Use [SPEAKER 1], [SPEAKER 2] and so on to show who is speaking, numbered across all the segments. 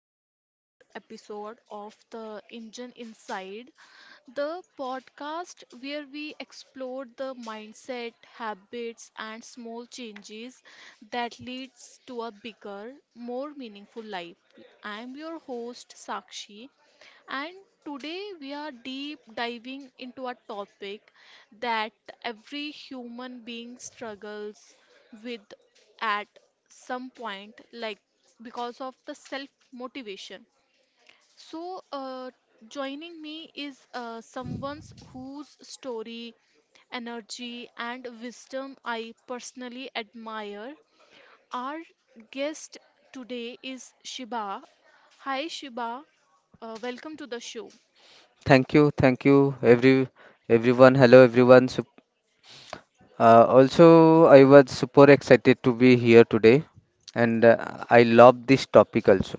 [SPEAKER 1] our another episode of the Engine Inside, the podcast where we explore the mindset, habits and small changes that leads to a bigger, more meaningful life. I am your host Sakshi and today we are deep diving into a topic that every human being struggles with at some point like because of the self motivation. so uh, Joining me is someone whose story energy and wisdom I personally admire. Our guest today is Shiba. Hi Shiba, welcome to the show.
[SPEAKER 2] Thank you, everyone. Hello, everyone. Uh, also, I was super excited to be here today, and I love this topic also.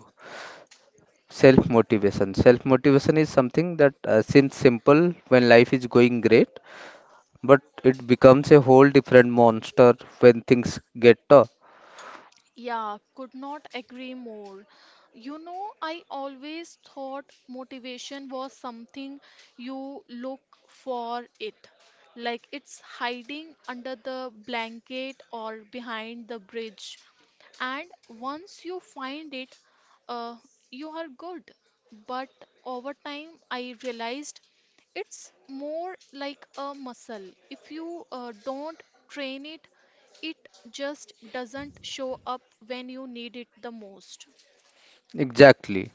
[SPEAKER 2] Self motivation. Self motivation is something that seems simple when life is going great, but it becomes a whole different monster when things get tough.
[SPEAKER 1] Yeah, could not agree more. You know, I always thought motivation was something you look for it. Like it's hiding under the blanket or behind the bridge. And once you find it, uh, you are good. But over time, I realized it's more like a muscle. If you don't train it, it just doesn't show up when you need it the most.
[SPEAKER 2] Exactly.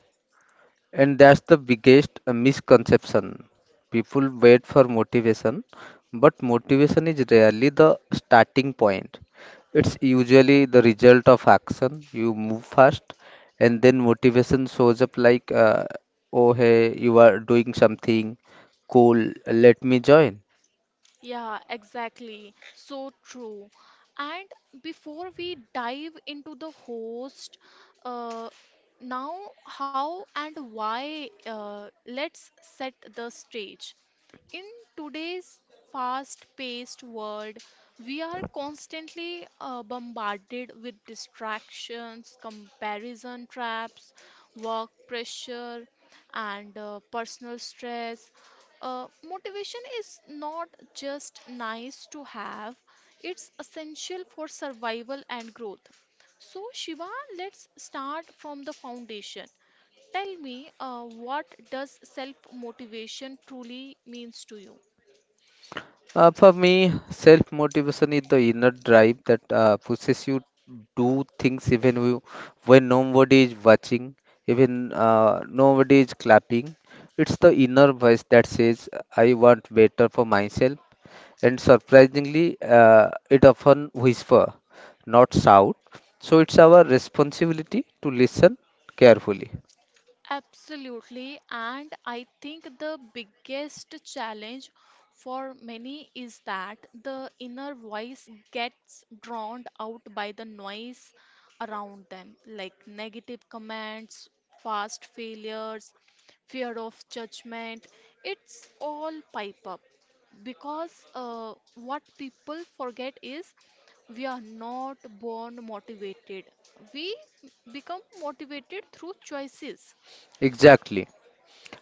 [SPEAKER 2] And that's the biggest misconception. People wait for motivation, but motivation is rarely the starting point. It's usually the result of action. You move fast, and then motivation shows up like, oh, hey, you are doing something cool, let me join.
[SPEAKER 1] Yeah, exactly. So true. And before we dive into the host, uh, now how and why, let's set the stage. In today's fast paced world, we are constantly bombarded with distractions, comparison traps, work pressure, and personal stress. Motivation is not just nice to have, it's essential for survival and growth. So, Shiva, let's start from the foundation. Tell me, what does self motivation truly means to you?
[SPEAKER 2] For me, self motivation is the inner drive that pushes you do things even you, when nobody is watching, even nobody is clapping. It's the inner voice that says, I want better for myself. And surprisingly, it often whisper, not shout. So it's our responsibility to listen carefully.
[SPEAKER 1] Absolutely, and I think the biggest challenge for many is that the inner voice gets drowned out by the noise around them, like negative comments, fast failures, fear of judgment. It's all pipe up because what people forget is we are not born motivated, we become motivated through choices.
[SPEAKER 2] Exactly.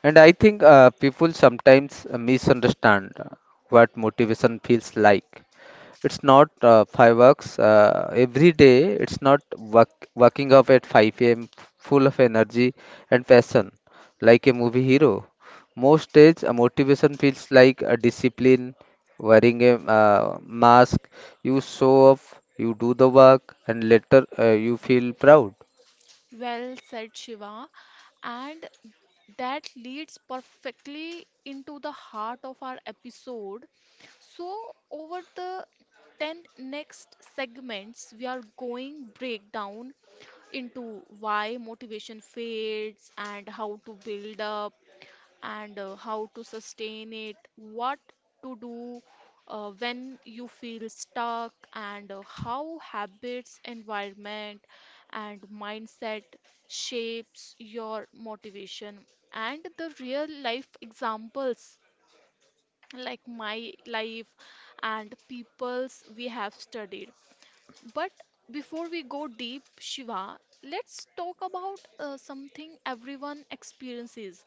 [SPEAKER 2] And I think people sometimes misunderstand what motivation feels like. It's not fireworks every day. It's not waking up at 5 a.m. full of energy and passion, like a movie hero. Most days, a motivation feels like a discipline, wearing a mask. You show up, you do the work, and later you feel proud.
[SPEAKER 1] Well said, Shiva. And that leads perfectly into the heart of our episode. So, over the 10 next segments, we are going breakdown into why motivation fades and how to build up and how to sustain it, what to do when you feel stuck, and how habits, environment, and mindset shapes your motivation, and the real life examples like my life and people's we have studied. But before we go deep, Shiva, let's talk about something everyone experiences,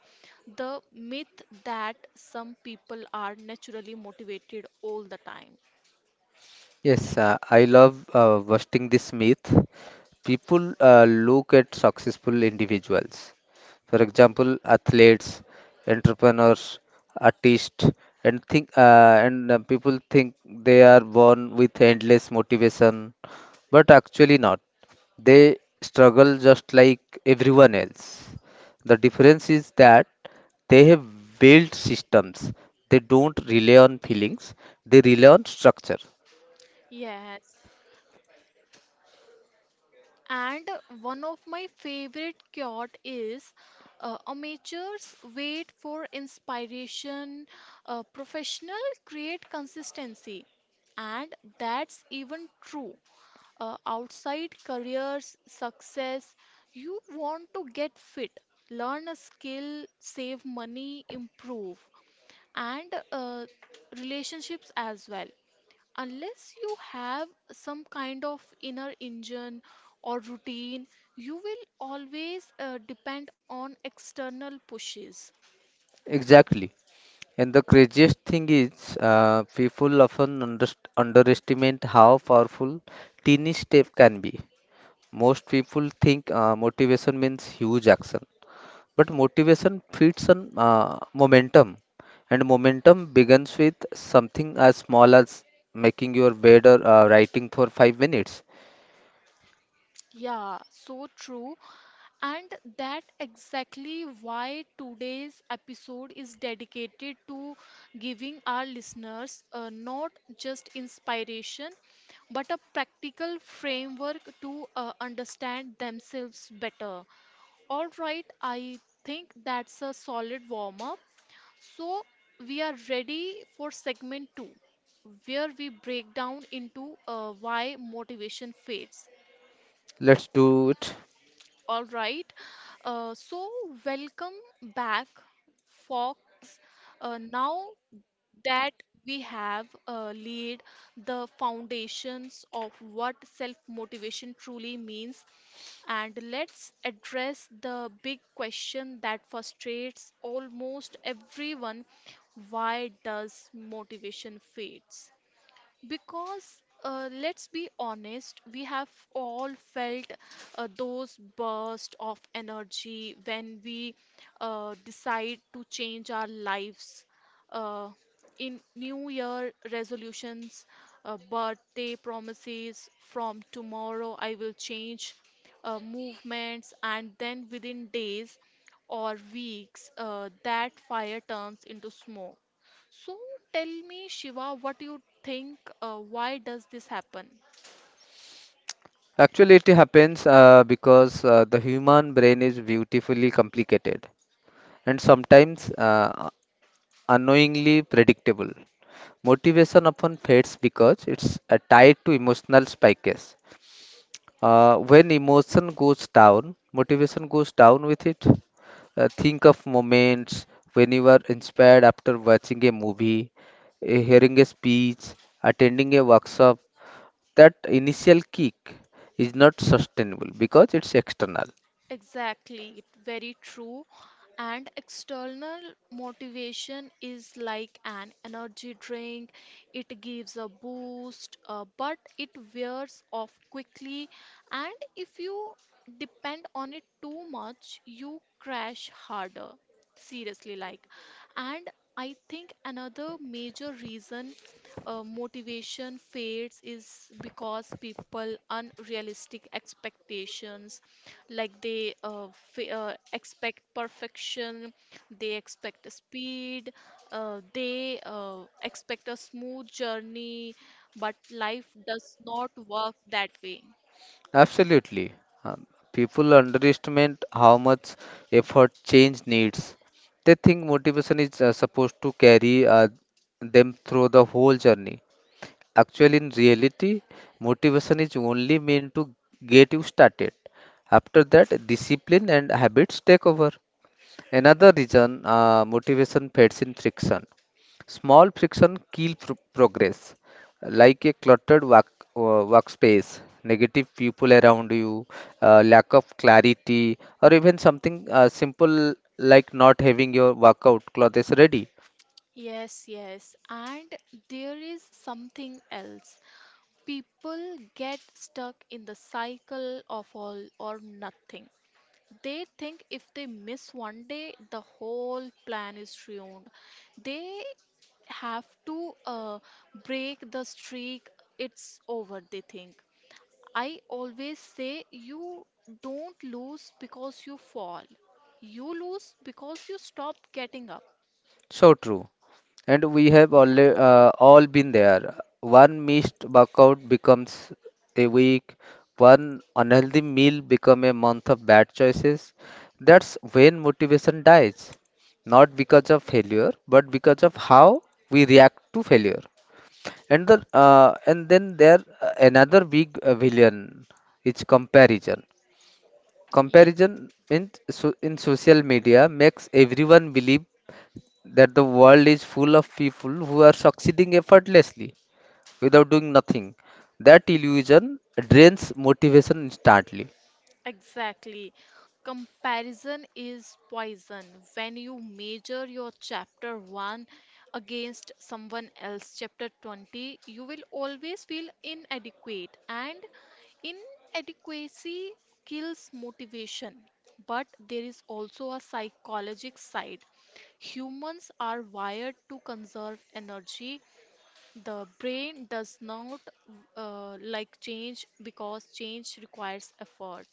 [SPEAKER 1] the myth that some people are naturally motivated all the time.
[SPEAKER 2] Yes, I love busting this myth. People look at successful individuals, for example, athletes, entrepreneurs, artists, and think and people think they are born with endless motivation, but actually not. They struggle just like everyone else. The difference is that they have built systems. They don't rely on feelings. They rely on structure.
[SPEAKER 1] Yes. And one of my favorite quote is, amateurs wait for inspiration, professional create consistency. And that's even true outside careers, success. You want to get fit, learn a skill, save money, improve, and relationships as well. Unless you have some kind of inner engine or routine, you will always depend on external pushes.
[SPEAKER 2] Exactly. And the craziest thing is, people often underestimate how powerful teeny step can be. Most people think motivation means huge action, but motivation feeds on momentum, and momentum begins with something as small as making your bed or writing for 5 minutes.
[SPEAKER 1] Yeah, so true. And that exactly why today's episode is dedicated to giving our listeners not just inspiration but a practical framework to understand themselves better. All right, I think that's a solid warm up. So we are ready for segment 2, where we break down into why motivation fades.
[SPEAKER 2] Let's do it.
[SPEAKER 1] All right. Uh, so, welcome back, folks. Now that we have laid the foundations of what self motivation truly means, and let's address the big question that frustrates almost everyone, why does motivation fades? Because let's be honest, we have all felt those bursts of energy when we decide to change our lives, uh, in New Year resolutions, birthday promises, from tomorrow I will change movements, and then within days or weeks, that fire turns into smoke. So tell me, Shiva, what you think? Why does this happen?
[SPEAKER 2] Actually, it happens because the human brain is beautifully complicated, and sometimes unknowingly predictable. Motivation often fades because it's tied to emotional spikes. When emotion goes down, motivation goes down with it. Think of moments when you were inspired after watching a movie, hearing a speech, attending a workshop. That initial kick is not sustainable because it's external.
[SPEAKER 1] Exactly, very true. And external motivation is like an energy drink. It gives a boost, but it wears off quickly. And if you depend on it too much, you crash harder. Seriously, like. And I think another major reason motivation fades is because people unrealistic expectations, like they f expect perfection, they expect speed, they expect a smooth journey, but life does not work that way.
[SPEAKER 2] Absolutely. Um, People underestimate how much effort change needs. They think motivation is supposed to carry them through the whole journey. Actually, in reality, motivation is only meant to get you started. After that, discipline and habits take over. Another reason motivation fades in friction. Small friction kill progress, like a cluttered workspace, negative people around you, lack of clarity, or even something simple like not having your workout clothes ready.
[SPEAKER 1] Yes, yes. And there is something else. People get stuck in the cycle of all or nothing. They think if they miss 1 day, the whole plan is ruined. They have to break the streak. It's over, they think. I always say you don't lose because you fall. You lose because you stop getting up.
[SPEAKER 2] So true. And we have all been there. One missed workout becomes a week, one unhealthy meal become a month of bad choices. That's when motivation dies. Not because of failure, but because of how we react to failure. And then there another big villain is comparison. Comparison in social media makes everyone believe that the world is full of people who are succeeding effortlessly without doing nothing. That illusion drains motivation instantly.
[SPEAKER 1] Exactly. Comparison is poison. When you measure your chapter 1 against someone else chapter 20, you will always feel inadequate and inadequacy kills motivation. But there is also a psychological side. Humans are wired to conserve energy, the brain does not like change because change requires effort.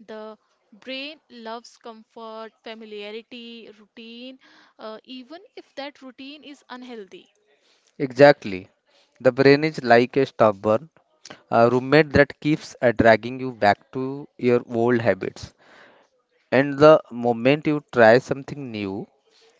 [SPEAKER 1] The brain loves comfort, familiarity, routine, even if that routine is unhealthy.
[SPEAKER 2] Exactly. The brain is like a stubborn a roommate that keeps dragging you back to your old habits. And the moment you try something new,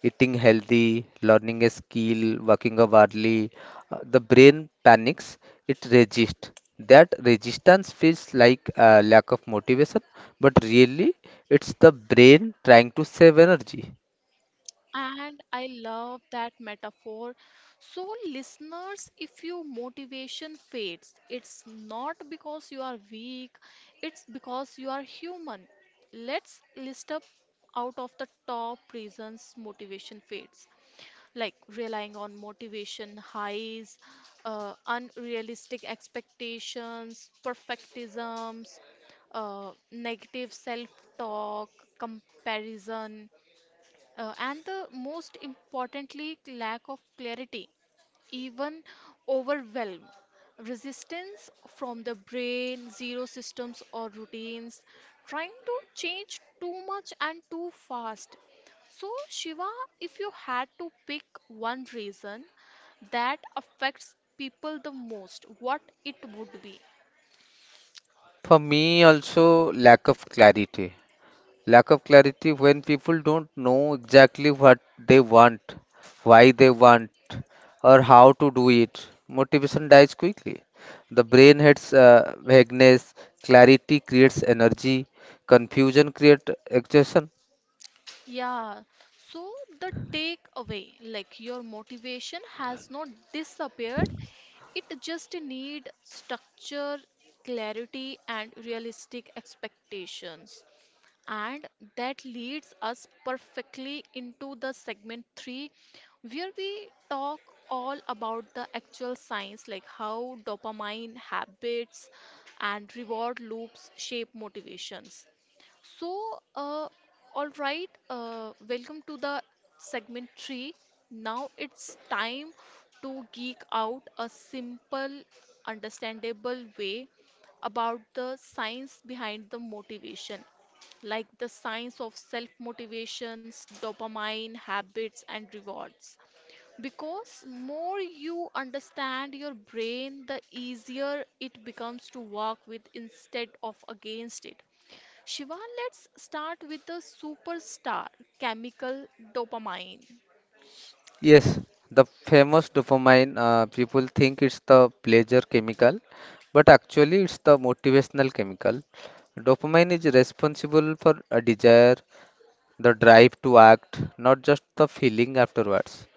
[SPEAKER 2] eating healthy, learning a skill, working out hourly, the brain panics, it resists. That resistance feels like a lack of motivation, but really it's the brain trying to save energy.
[SPEAKER 1] And I love that metaphor. So, listeners, if your motivation fades, it's not because you are weak, it's because you are human. Let's list up out of the top reasons motivation fades, like relying on motivation highs, unrealistic expectations, perfectisms, negative self talk, comparison, and the most importantly lack of clarity, even overwhelm, resistance from the brain, zero systems or routines, trying to change too much and too fast. So Shiva, if you had to pick one reason that affects people the most, what it would be?
[SPEAKER 2] For me, also lack of clarity. Lack of clarity when people don't know exactly what they want, why they want, or how to do it. Motivation dies quickly. The brain hates vagueness, clarity creates energy, confusion creates exhaustion.
[SPEAKER 1] Yeah, so the takeaway, like your motivation has not disappeared, it just need structure, clarity, and realistic expectations. And that leads us perfectly into the segment 3, where we talk all about the actual science, like how dopamine habits and reward loops shape motivations. So, uh, all right, welcome to the segment 3. Now it's time to geek out a simple, understandable way about the science behind the motivation, like the science of self motivations, dopamine, habits, and rewards. Because more you understand your brain, the easier it becomes to work with instead of against it. Shiva, let's start with the superstar chemical, dopamine.
[SPEAKER 2] Yes, the famous dopamine, people think it's the pleasure chemical, but actually it's the motivational chemical. Dopamine is responsible for a desire, the drive to act, not just the feeling afterwards.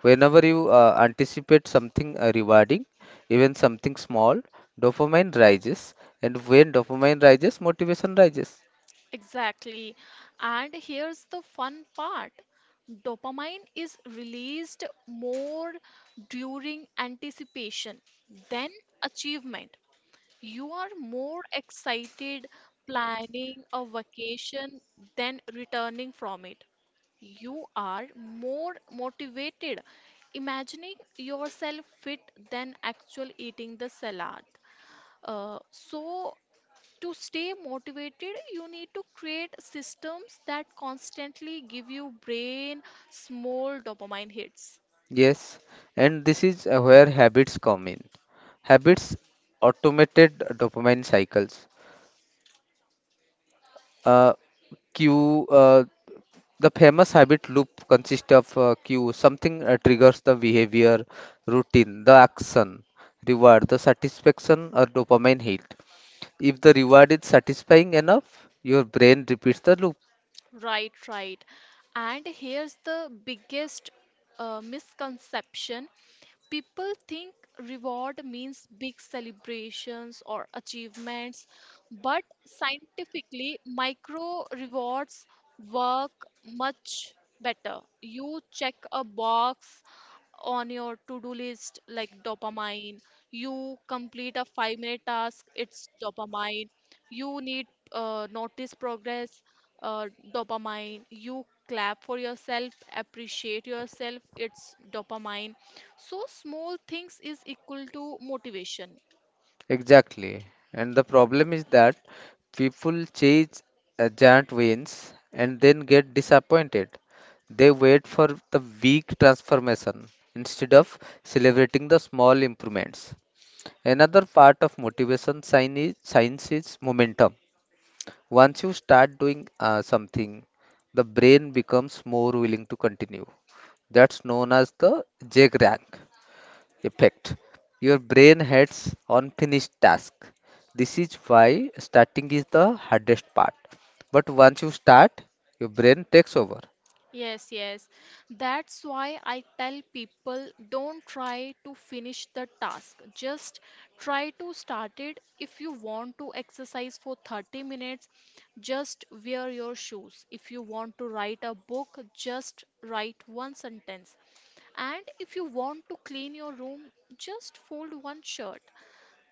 [SPEAKER 2] Whenever you anticipate something rewarding, even something small, dopamine rises, and when dopamine rises, motivation rises.
[SPEAKER 1] Exactly. And here's the fun part. Dopamine is released more during anticipation than achievement. You are more excited planning a vacation than returning from it. You are more motivated imagining yourself fit than actual eating the salad. So to stay motivated, you need to create systems that constantly give you brain small dopamine hits.
[SPEAKER 2] Yes, and this is where habits come in. Habits automated dopamine cycles. Uh, cue The famous habit loop consists of cue, something triggers the behavior, routine, the action, reward, the satisfaction, or dopamine hit. If the reward is satisfying enough, your brain repeats the loop.
[SPEAKER 1] Right, right. And here's the biggest misconception. People think reward means big celebrations or achievements, but scientifically, micro rewards work much better. You check a box on your to-do list, like dopamine. You complete a five-minute task, it's dopamine. You need notice progress, uh, dopamine. You clap for yourself, appreciate yourself, it's dopamine. So, small things is equal to motivation.
[SPEAKER 2] Exactly. And the problem is that people chase giant wins and then get disappointed. They wait for the big transformation instead of celebrating the small improvements. Another part of science is momentum. Once you start doing something, the brain becomes more willing to continue. That's known as the J-Rank effect. Your brain heads on finished task. This is why starting is the hardest part. But once you start, your brain takes over.
[SPEAKER 1] Yes, yes. That's why I tell people don't try to finish the task. Just try to start it. If you want to exercise for 30 minutes, just wear your shoes. If you want to write a book, just write one sentence. And if you want to clean your room, just fold one shirt.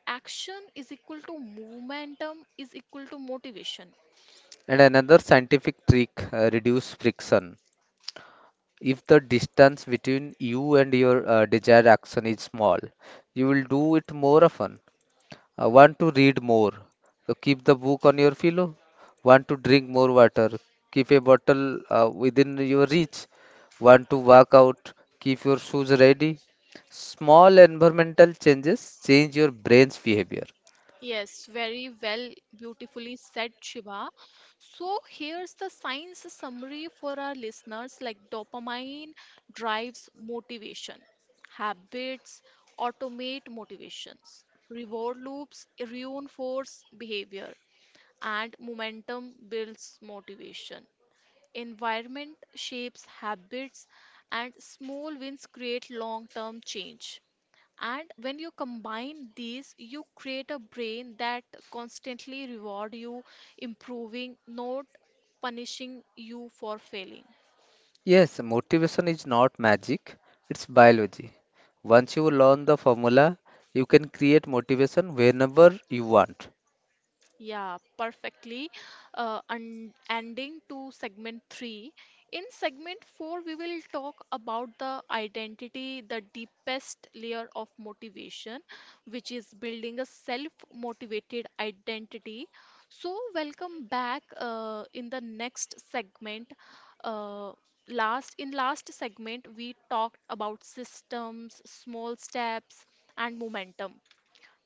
[SPEAKER 1] Action is equal to momentum is equal to motivation.
[SPEAKER 2] And another scientific trick reduce friction. If the distance between you and your desired action is small, you will do it more often. Want to read more? So keep the book on your pillow. Want to drink more water? Keep a bottle within your reach. Want to work out? Keep your shoes ready. Small environmental changes change your brain's behavior.
[SPEAKER 1] Yes, very well, beautifully said, Shiva. So, here's the science summary for our listeners, like dopamine drives motivation, habits automate motivations, reward loops reinforce behavior, and momentum builds motivation. Environment shapes habits, and small wins create long term change. And when you combine these, you create a brain that constantly reward you improving, not punishing you for failing.
[SPEAKER 2] Yes, motivation is not magic, it's biology. Once you learn the formula, you can create motivation whenever you want.
[SPEAKER 1] Yeah, perfectly. And ending to segment three. In segment four, we will talk about the identity, the deepest layer of motivation, which is building a self-motivated identity. So, welcome back in the next segment. Uh, Last in last segment, we talked about systems, small steps, and momentum.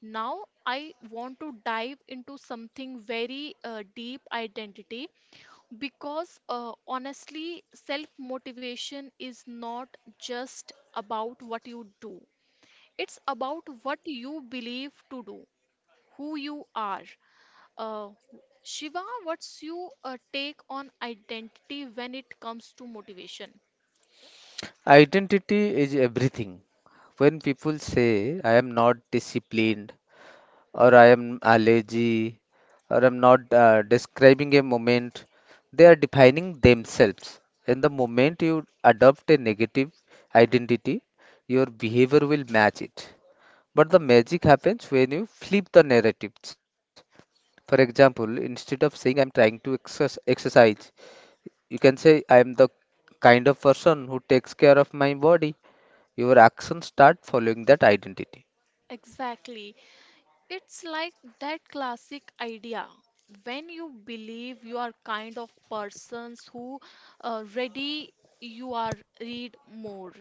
[SPEAKER 1] Now, I want to dive into something very deep, identity, because honestly, self motivation is not just about what you do, it's about what you believe to do, who you are. Uh, Shiva, what's your take on identity when it comes to motivation?
[SPEAKER 2] Identity is everything. When people say, I am not disciplined, or I am lazy, or I'm not describing a moment, they are defining themselves. And the moment you adopt a negative identity, your behavior will match it. But the magic happens when you flip the narratives. For example, instead of saying I am trying to exercise, you can say I am the kind of person who takes care of my body. Your actions start following that identity.
[SPEAKER 1] Exactly. It's like that classic idea, when you believe you are kind of persons who ready you are read more.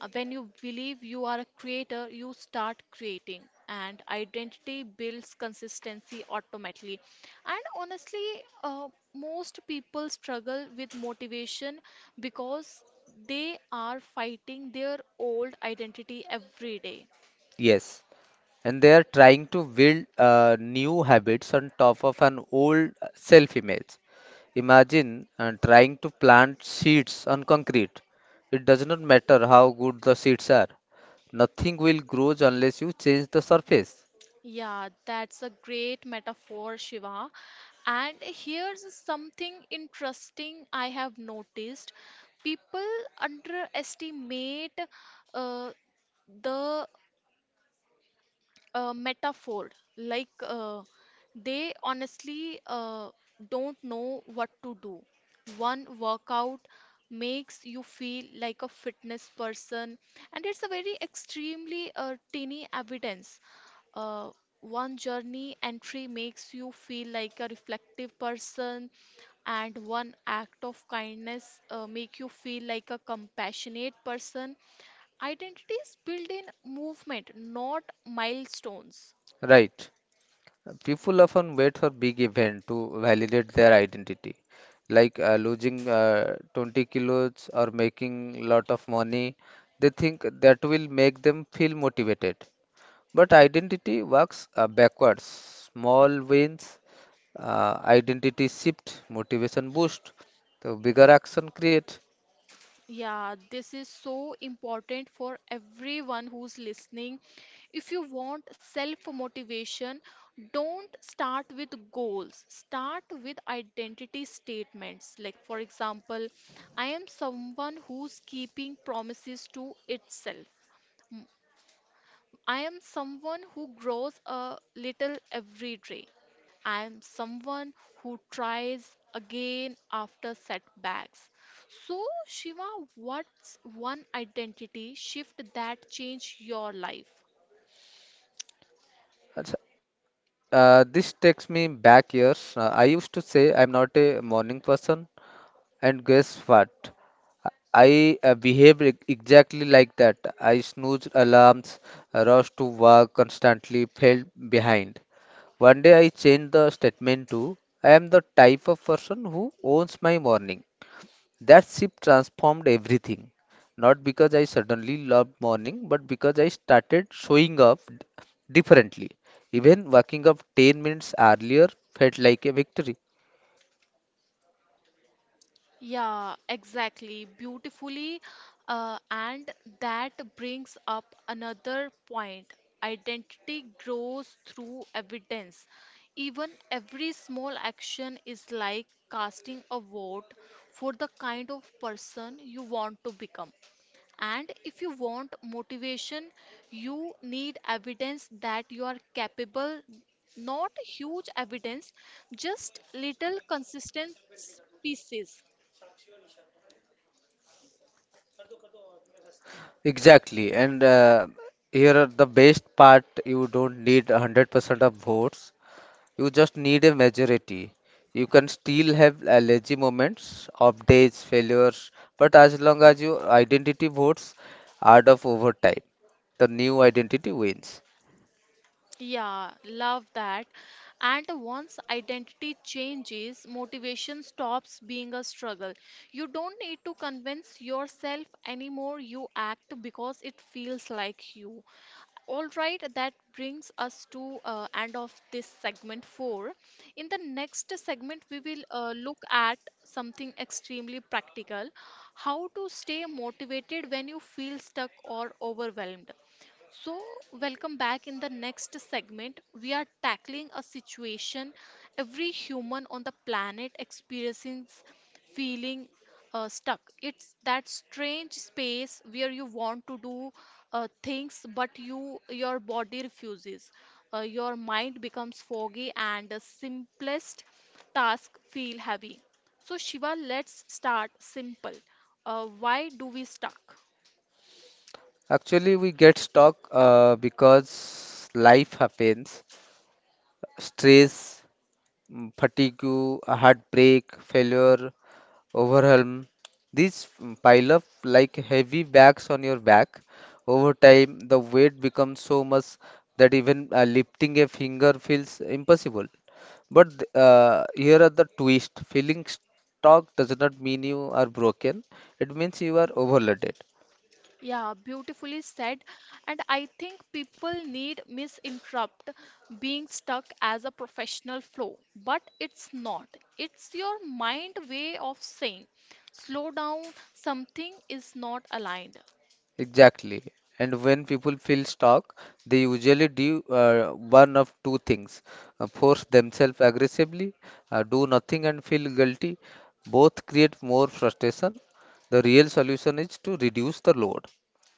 [SPEAKER 1] When you believe you are a creator, you start creating and identity builds consistency automatically. And honestly, uh, most people struggle with motivation because they are fighting their old identity every day.
[SPEAKER 2] Yes, and they are trying to build new habits on top of an old self image. Imagine trying to plant seeds on concrete. It does not matter how good the seeds are, nothing will grow unless you change the surface.
[SPEAKER 1] Yeah, that's a great metaphor, Shiva. And here's something interesting I have noticed. People underestimate uh, the metaphor. Like they honestly don't know what to do. One workout makes you feel like a fitness person, and it's a very extremely teeny evidence. Uh, One journey entry makes you feel like a reflective person, and one act of kindness make you feel like a compassionate person. Identity is built in movement, not milestones.
[SPEAKER 2] Right. People often wait for big event to validate their identity, like losing 20 kilos or making lot of money. They think that will make them feel motivated. But identity works backwards. Small wins, identity shift, motivation boost. So bigger action create.
[SPEAKER 1] Yeah, this is so important for everyone who's listening. If you want self motivation, don't start with goals, start with identity statements. Like, for example, I am someone who's keeping promises to itself. I am someone who grows a little every day. I am someone who tries again after setbacks. So, Shiva, what's one identity shift that changed your life?
[SPEAKER 2] Achha, this takes me back years. I used to say I am not a morning person. And guess what? I behave exactly like that. I snooze alarms, rush to work constantly, fell behind. One day I changed the statement to I am the type of person who owns my morning. That shift transformed everything. Not because I suddenly loved morning, but because I started showing up differently. Even waking up 10 minutes earlier felt like a victory.
[SPEAKER 1] Yeah, exactly. Beautifully. And that brings up another point. Identity grows through evidence. Even every small action is like casting a vote for the kind of person you want to become. And if you want motivation, you need evidence that you are capable, not huge evidence, just little consistent pieces.
[SPEAKER 2] Exactly. And here are the best part, you don't need 100% of votes. You just need a majority. You can still have allergy moments, off days, failures, but as long as your identity votes add up over time, the new identity wins.
[SPEAKER 1] Yeah, love that. And once identity changes, motivation stops being a struggle. You don't need to convince yourself anymore. You act because it feels like you. All right, that brings us to end of this segment 4. In the next segment, we will look at something extremely practical, how to stay motivated when you feel stuck or overwhelmed. So, welcome back in the next segment. We are tackling a situation every human on the planet experiences feeling stuck. It's that strange space where you want to do things but you your body refuses. Your mind becomes foggy and the simplest task feel heavy. So Shiva, let's start simple. Why do we stuck?
[SPEAKER 2] Actually, we get stuck because life happens. Stress, fatigue, heartbreak, failure, overwhelm. These pile up like heavy bags on your back. Over time, the weight becomes so much that even lifting a finger feels impossible. But here are the twist. Feeling stuck does not mean you are broken. It means you are overloaded.
[SPEAKER 1] Yeah, beautifully said. And I think people need misinterrupt being stuck as a professional flow, but it's not. It's your mind way of saying, slow down, something is not aligned.
[SPEAKER 2] Exactly. And when people feel stuck, they usually do one of two things force themselves aggressively, do nothing, and feel guilty. Both create more frustration. The real solution is to reduce the load.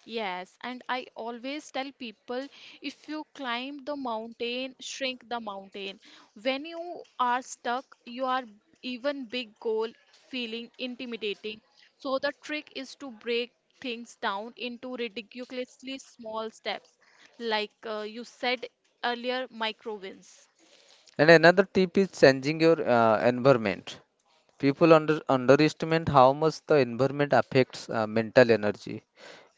[SPEAKER 1] Yes, and I always tell people if you climb the mountain, shrink the mountain. When you are stuck, you are even big goal feeling intimidating. So the trick is to break things down into ridiculously small steps, like you said earlier, micro wins.
[SPEAKER 2] And another tip is changing your environment. People underestimate how much the environment affects mental energy.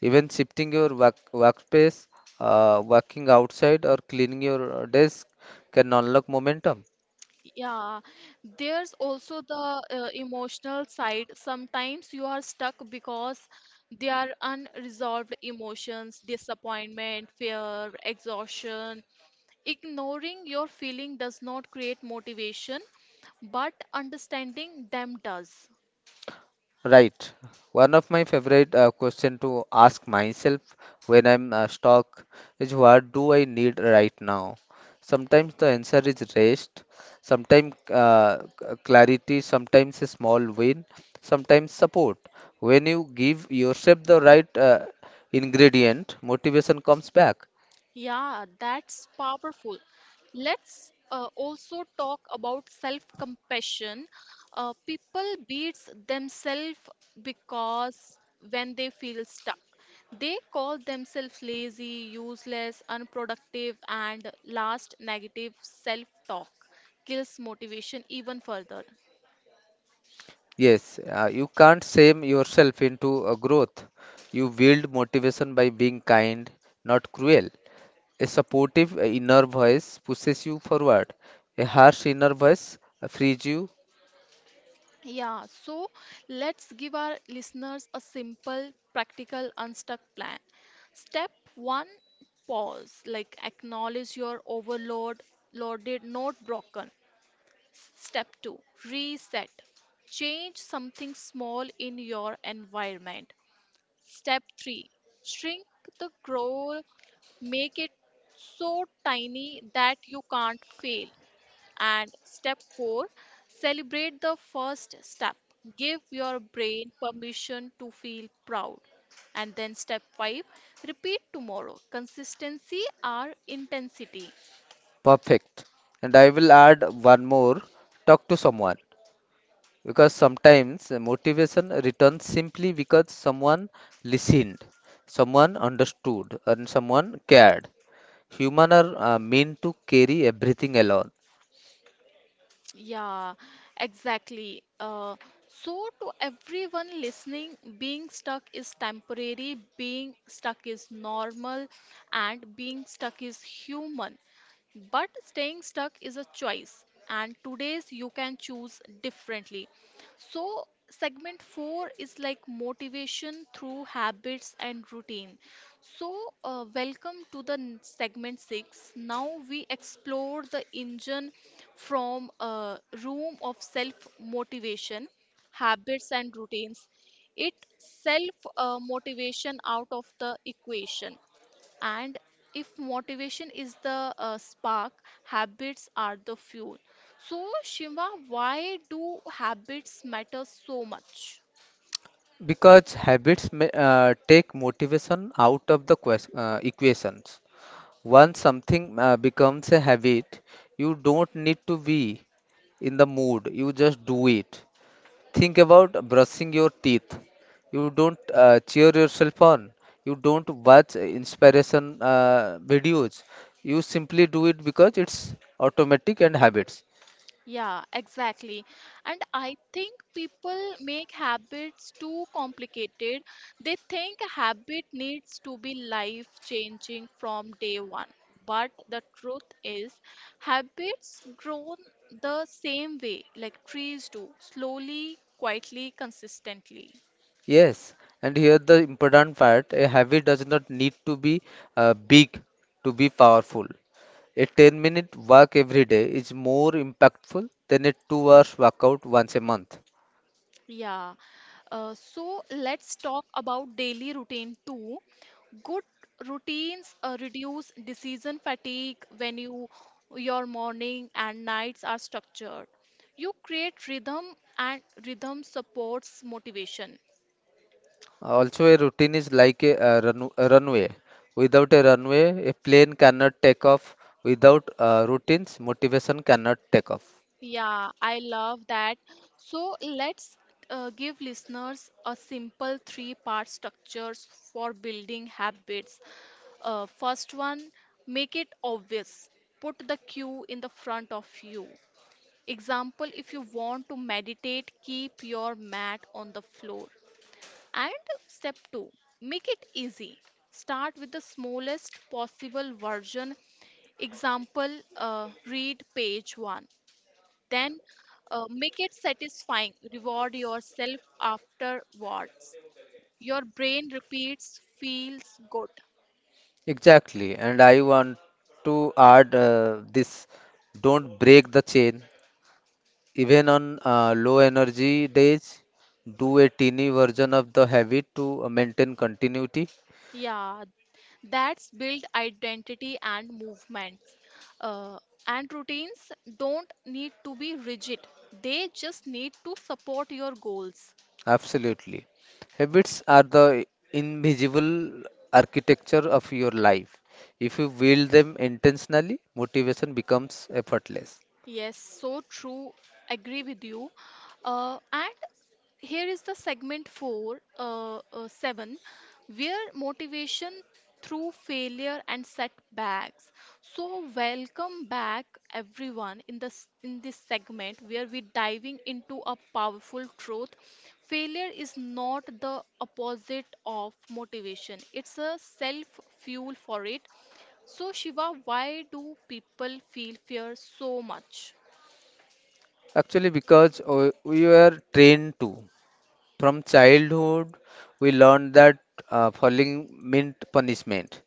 [SPEAKER 2] Even shifting your workspace, working outside, or cleaning your desk can unlock momentum.
[SPEAKER 1] Yeah, there's also the emotional side. Sometimes you are stuck because there are unresolved emotions, disappointment, fear, exhaustion. Ignoring your feeling does not create motivation, but understanding them does.
[SPEAKER 2] Right. One of my favorite question to ask myself when I'm stuck is what do I need right now? Sometimes the answer is rest, sometimes clarity, sometimes a small win, sometimes support. When you give yourself the right ingredient, motivation comes back.
[SPEAKER 1] Yeah, that's powerful. Let's also talk about self-compassion. People beats themselves because when they feel stuck, they call themselves lazy, useless, unproductive, and last negative self-talk kills motivation even further.
[SPEAKER 2] Yes, you can't shame yourself into growth. You build motivation by being kind, not cruel. A supportive inner voice pushes you forward. A harsh inner voice frees you
[SPEAKER 1] Yeah, so let's give our listeners a simple, practical, unstuck plan. Step one, pause, like acknowledge your overload, loaded, not broken. Step two, reset, change something small in your environment. Step three, shrink the goal. Make it so tiny that you can't fail. And step four, celebrate the first step. Give your brain permission to feel proud. And then step five, repeat tomorrow. Consistency or intensity.
[SPEAKER 2] perfect. And I will add one more talk to someone because sometimes motivation returns simply because someone listened, someone understood, and someone cared. Humans are meant to carry everything alone
[SPEAKER 1] Yeah, exactly. So, to everyone listening, being stuck is temporary, being stuck is normal, and being stuck is human. But staying stuck is a choice, and today's you can choose differently. So, segment 4 is like motivation through habits and routine. So, welcome to the segment 6. Now we explore the engine from a room of self motivation, habits, and routines. It self motivation out of the equation and if motivation is the spark, habits are the fuel. So, Shiva, why do habits matter so much?
[SPEAKER 2] because habits may, take motivation out of the equations. Once something becomes a habit, you don't need to be in the mood, you just do it. Think about brushing your teeth. You don't cheer yourself on. You don't watch inspiration videos. You simply do it because it's automatic and habits.
[SPEAKER 1] Yeah, exactly. And I think people make habits too complicated. They think a habit needs to be life changing from day one. But the truth is, habits grow the same way like trees do, slowly, quietly, consistently.
[SPEAKER 2] Yes, and here the important part, a habit does not need to be big to be powerful. A 10-minute walk every day is more impactful than a 2 hours workout once a month.
[SPEAKER 1] Yeah. So let's talk about daily routine too. Good routines reduce decision fatigue when you your morning and nights are structured. You create rhythm and rhythm supports motivation.
[SPEAKER 2] Also, a routine is like a runway. Without a runway, a plane cannot take off. Without routines, motivation cannot take off.
[SPEAKER 1] Yeah, I love that. So let's give listeners a simple three-part structures for building habits. First one, make it obvious. Put the cue in the front of you. Example, if you want to meditate, keep your mat on the floor. And step two, make it easy. Start with the smallest possible version. Example, read page one then make it satisfying. Reward yourself afterwards. Your brain repeats, feels good.
[SPEAKER 2] Exactly. And I want to add this don't break the chain. Even on low energy days, do a teeny version of the habit to maintain continuity.
[SPEAKER 1] Yeah, that's build identity and movements. Uh, and routines don't need to be rigid, they just need to support your goals.
[SPEAKER 2] Absolutely. Habits are the invisible architecture of your life. If you build them intentionally, motivation becomes effortless.
[SPEAKER 1] Yes, so true. Agree with you. And here is the segment 4 7 where motivation through failure and setbacks so welcome back everyone in this segment where we're diving into a powerful truth failure is not the opposite of motivation it's a self fuel for it so Shiva why do people feel fear so much.
[SPEAKER 2] Actually, because we were trained to. From childhood, we learned that following meant punishment,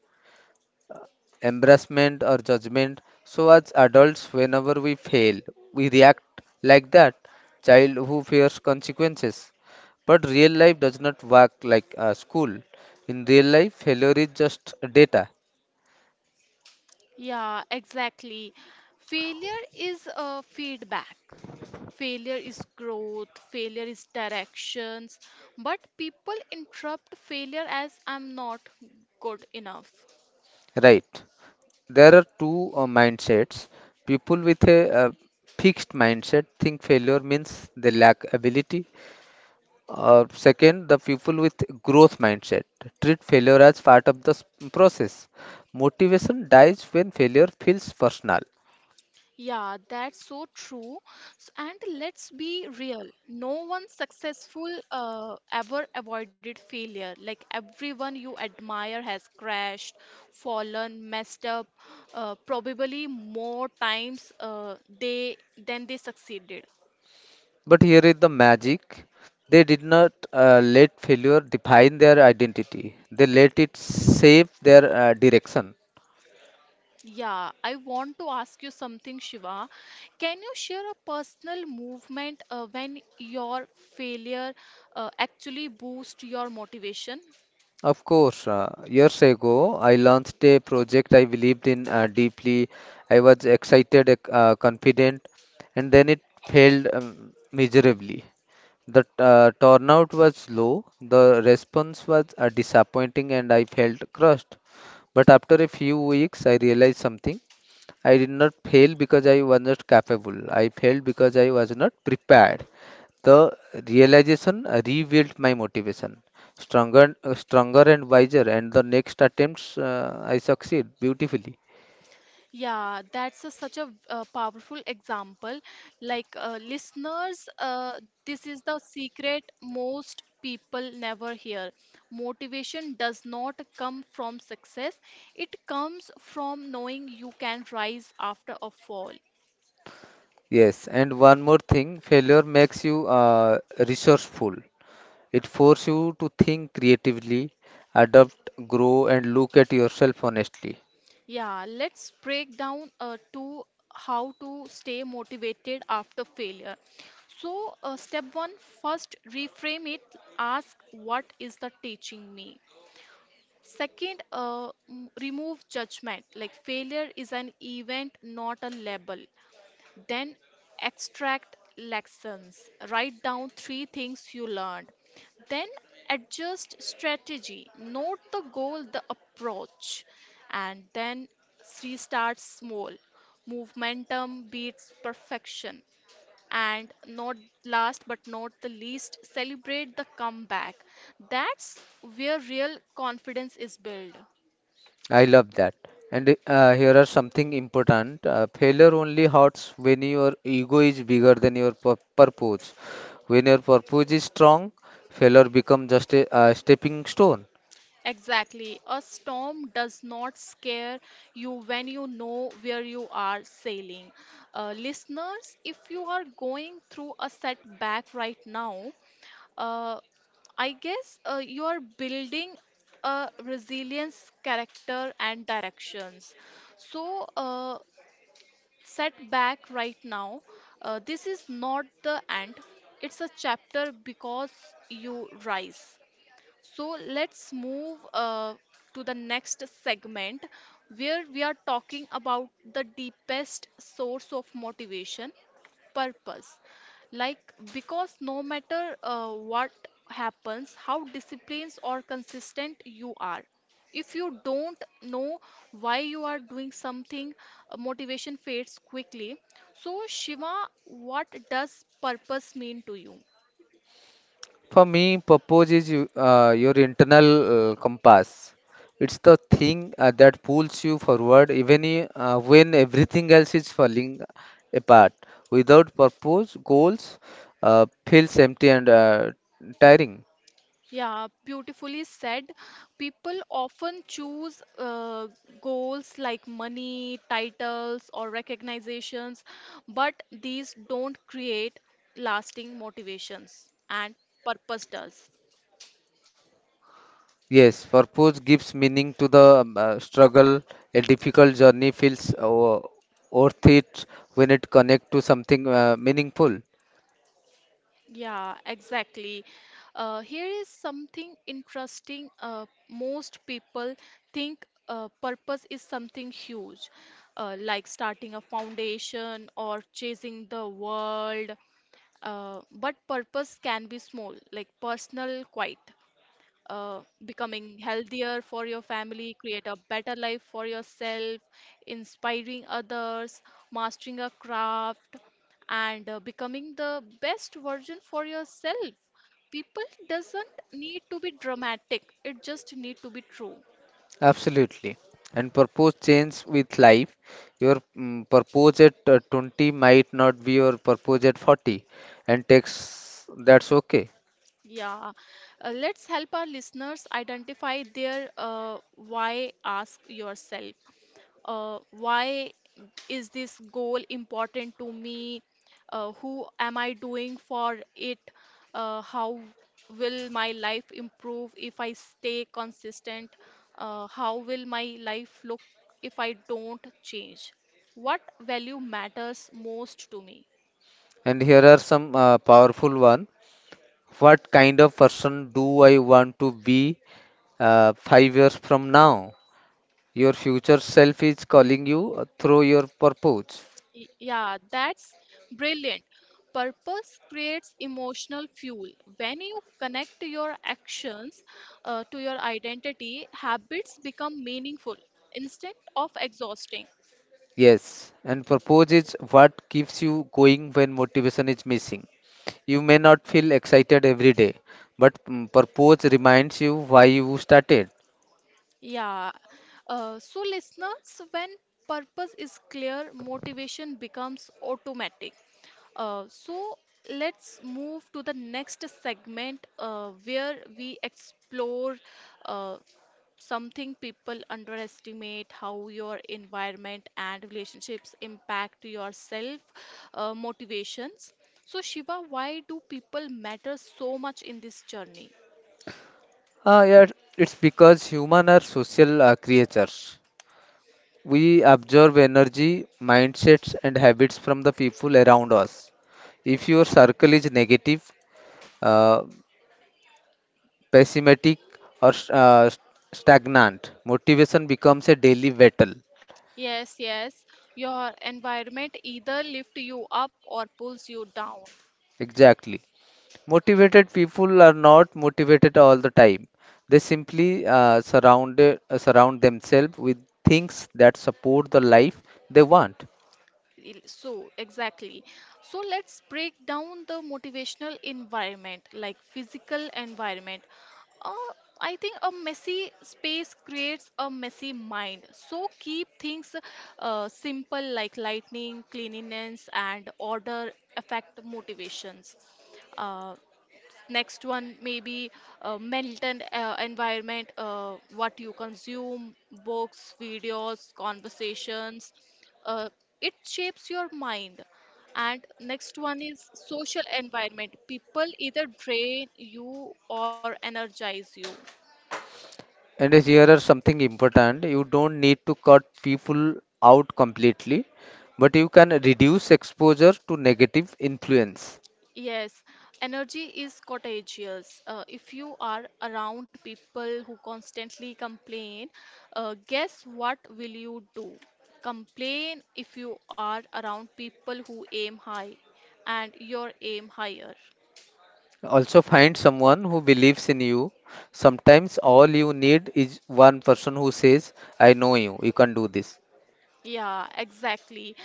[SPEAKER 2] embarrassment, or judgment. So, as adults, whenever we fail, we react like that child who fears consequences. But real life does not work like school. In real life, failure is just data,
[SPEAKER 1] Yeah, exactly. Failure is feedback. Failure is growth. Failure is directions. But people interrupt failure as I'm not good enough.
[SPEAKER 2] right? There are two mindsets. People with a fixed mindset think failure means they lack ability. Second, the people with growth mindset treat failure as part of the process. Motivation dies when failure feels personal.
[SPEAKER 1] Yeah, that's so true. And let's be real, no one successful ever avoided failure. Like everyone you admire has crashed, fallen, messed up, probably more times they than they succeeded.
[SPEAKER 2] But here is the magic. They did not let failure define their identity. They let it shape their direction.
[SPEAKER 1] Yeah, I want to ask you something, Shiva. Can you share a personal movement when your failure actually boost your motivation?
[SPEAKER 2] Of course, years ago, I launched a project I believed in deeply. I was excited, confident, and then it failed miserably. The turnout was low, the response was disappointing, and I felt crushed. But after a few weeks, I realized something. I did not fail because I was not capable, I failed because I was not prepared. The realization revealed my motivation. Stronger, stronger and wiser, and the next attempts I succeed beautifully.
[SPEAKER 1] Yeah, that's a, such a powerful example. Like, listeners, this is the secret most people never hear. Motivation does not come from success, it comes from knowing you can rise after a fall.
[SPEAKER 2] Yes, and one more thing, failure makes you resourceful. It forces you to think creatively, adapt, grow, and look at yourself honestly.
[SPEAKER 1] Yeah, let's break down to how to stay motivated after failure. So, step one first, reframe it, ask what is the teaching me? Second, remove judgment. Like failure is an event, not a label. Then extract lessons. Write down three things you learned. Then adjust strategy. Note the goal, the approach. And then restart small. Momentum beats perfection. And not last but not the least, celebrate the comeback. That's where real confidence is built.
[SPEAKER 2] I love that. And here are something important. Failure only hurts when your ego is bigger than your purpose. When your purpose is strong, failure becomes just a stepping stone.
[SPEAKER 1] Exactly. A storm does not scare you when you know where you are sailing. Listeners, if you are going through a setback right now, uh, I guess you are building a resilience character and directions. So, set back right now. This is not the end, it's a chapter because you rise. So let's move to the next segment where we are talking about the deepest source of motivation purpose. Like, because no matter what happens, how disciplined or consistent you are, if you don't know why you are doing something, motivation fades quickly. So, Shiva, what does purpose mean to you?
[SPEAKER 2] For me, purpose is your internal compass. It's the thing that pulls you forward even when everything else is falling apart. Without purpose, goals feels empty and tiring.
[SPEAKER 1] Yeah, beautifully said. People often choose goals like money, titles, or recognitions, but these don't create lasting motivations, and purpose does.
[SPEAKER 2] Yes, purpose gives meaning to the struggle. A difficult journey feels worth it when it connects to something meaningful.
[SPEAKER 1] Yeah, exactly. Here is something interesting. Most people think purpose is something huge, like starting a foundation or chasing the world. But purpose can be small, like personal, quiet, uh, becoming healthier for your family, create a better life for yourself, inspiring others, mastering a craft, and becoming the best version for yourself. People doesn't need to be dramatic; it just need to be true.
[SPEAKER 2] Absolutely. And purpose change with life. Your purpose at 20 might not be your purpose at 40, and takes that's okay.
[SPEAKER 1] Yeah, let's help our listeners identify their why. Ask yourself why is this goal important to me, who am I doing for it, how will my life improve if I stay consistent, how will my life look if I don't change, what value matters most to me.
[SPEAKER 2] And here are some powerful one. What kind of person do I want to be 5 years from now? Your future self is calling you through your purpose.
[SPEAKER 1] Yeah, that's brilliant. Purpose creates emotional fuel. When you connect your actions to your identity, habits become meaningful instead of exhausting.
[SPEAKER 2] Yes, and purpose is what keeps you going when motivation is missing. You may not feel excited every day, but purpose reminds you why you started.
[SPEAKER 1] Yeah. So, listeners, when purpose is clear, motivation becomes automatic. So, let's move to the next segment where we explore uh, something people underestimate how your environment and relationships impact your self motivations so Shiva why do people matter so much in this journey.
[SPEAKER 2] Yeah, it's because humans are social creatures. We absorb energy, mindsets, and habits from the people around us. If your circle is negative, uh, pessimistic, or stagnant, motivation becomes a daily battle.
[SPEAKER 1] Yes, yes. Your environment either lifts you up or pulls you down.
[SPEAKER 2] Exactly. Motivated people are not motivated all the time. They simply surround themselves with things that support the life they want.
[SPEAKER 1] So, exactly. So, let's break down the motivational environment, like physical environment. Uh, I think a messy space creates a messy mind. So, keep things simple like lightning, cleanliness, and order affect motivations. Uh, next one maybe mental environment what you consume books videos conversations, uh, it shapes your mind, and next one is social environment people either drain you or energize you.
[SPEAKER 2] And here are something important. You don't need to cut people out completely, but you can reduce exposure to negative influence.
[SPEAKER 1] Yes, energy is contagious. If you are around people who constantly complain, guess what will you do? Complain if you are around people who aim high and your aim higher.
[SPEAKER 2] Also, find someone who believes in you. Sometimes all you need is one person who says, I know you, you can do this.
[SPEAKER 1] Yeah, exactly.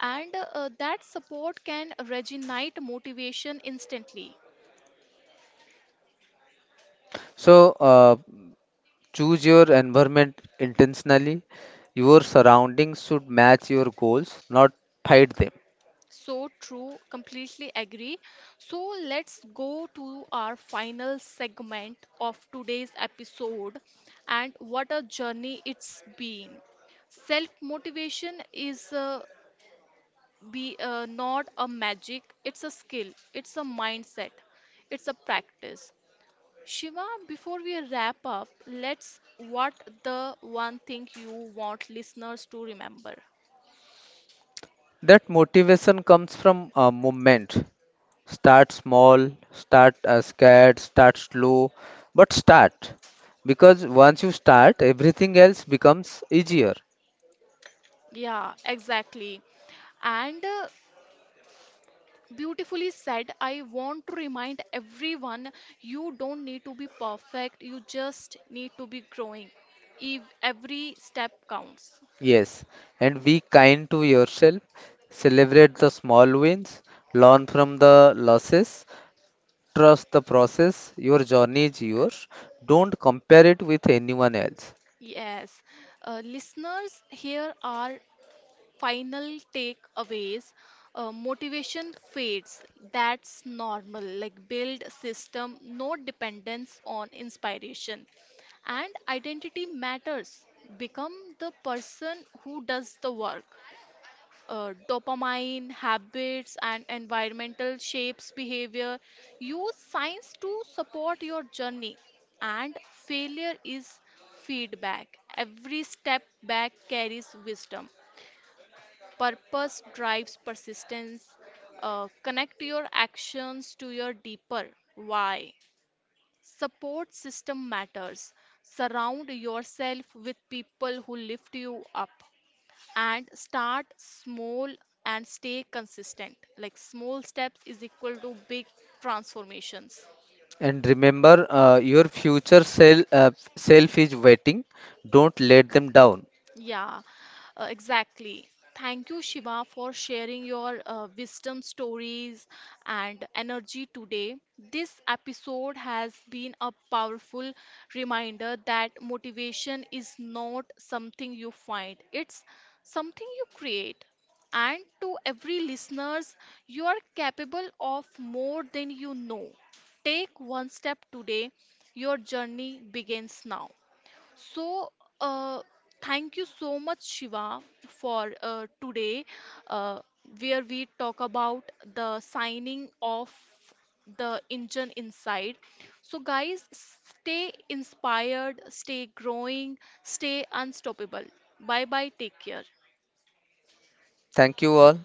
[SPEAKER 1] And that support can regenerate motivation instantly.
[SPEAKER 2] So, choose your environment intentionally. Your surroundings should match your goals, not fight them.
[SPEAKER 1] So true, completely agree. So let's go to our final segment of today's episode and what a journey it's been. Self motivation is be not a magic, it's a skill, it's a mindset, it's a practice. Shiva, before we wrap up, let's what the one thing you want listeners to remember.
[SPEAKER 2] That motivation comes from a movement. Start small, start scared, start slow, but start. Because once you start, everything else becomes easier.
[SPEAKER 1] Yeah, exactly. And beautifully said. I want to remind everyone you don't need to be perfect, you just need to be growing. If every step counts.
[SPEAKER 2] Yes, and be kind to yourself. Celebrate the small wins, learn from the losses, trust the process. Your journey is yours. Don't compare it with anyone else.
[SPEAKER 1] Yes, listeners, here are final takeaways. Motivation fades, that's normal. Like build system, no dependence on inspiration. And identity matters. Become the person who does the work. Dopamine, habits, and environmental shapes behavior. Use science to support your journey. And failure is feedback. Every step back carries wisdom. Purpose drives persistence. Connect your actions to your deeper why. Support system matters. Surround yourself with people who lift you up and start small and stay consistent like small steps is equal to big transformations.
[SPEAKER 2] And remember, self is waiting. Don't let them down.
[SPEAKER 1] Yeah, exactly. Thank you, Shiva, for sharing your wisdom stories and energy today. This episode has been a powerful reminder that motivation is not something you find, it's something you create. And to every listeners, you are capable of more than you know. Take one step today. Your journey begins now. So, uh, thank you so much, Shiva, for today, uh, where we talk about the signing of the engine inside. So, guys, stay inspired, stay growing, stay unstoppable. Bye bye, take care.
[SPEAKER 2] Thank you all.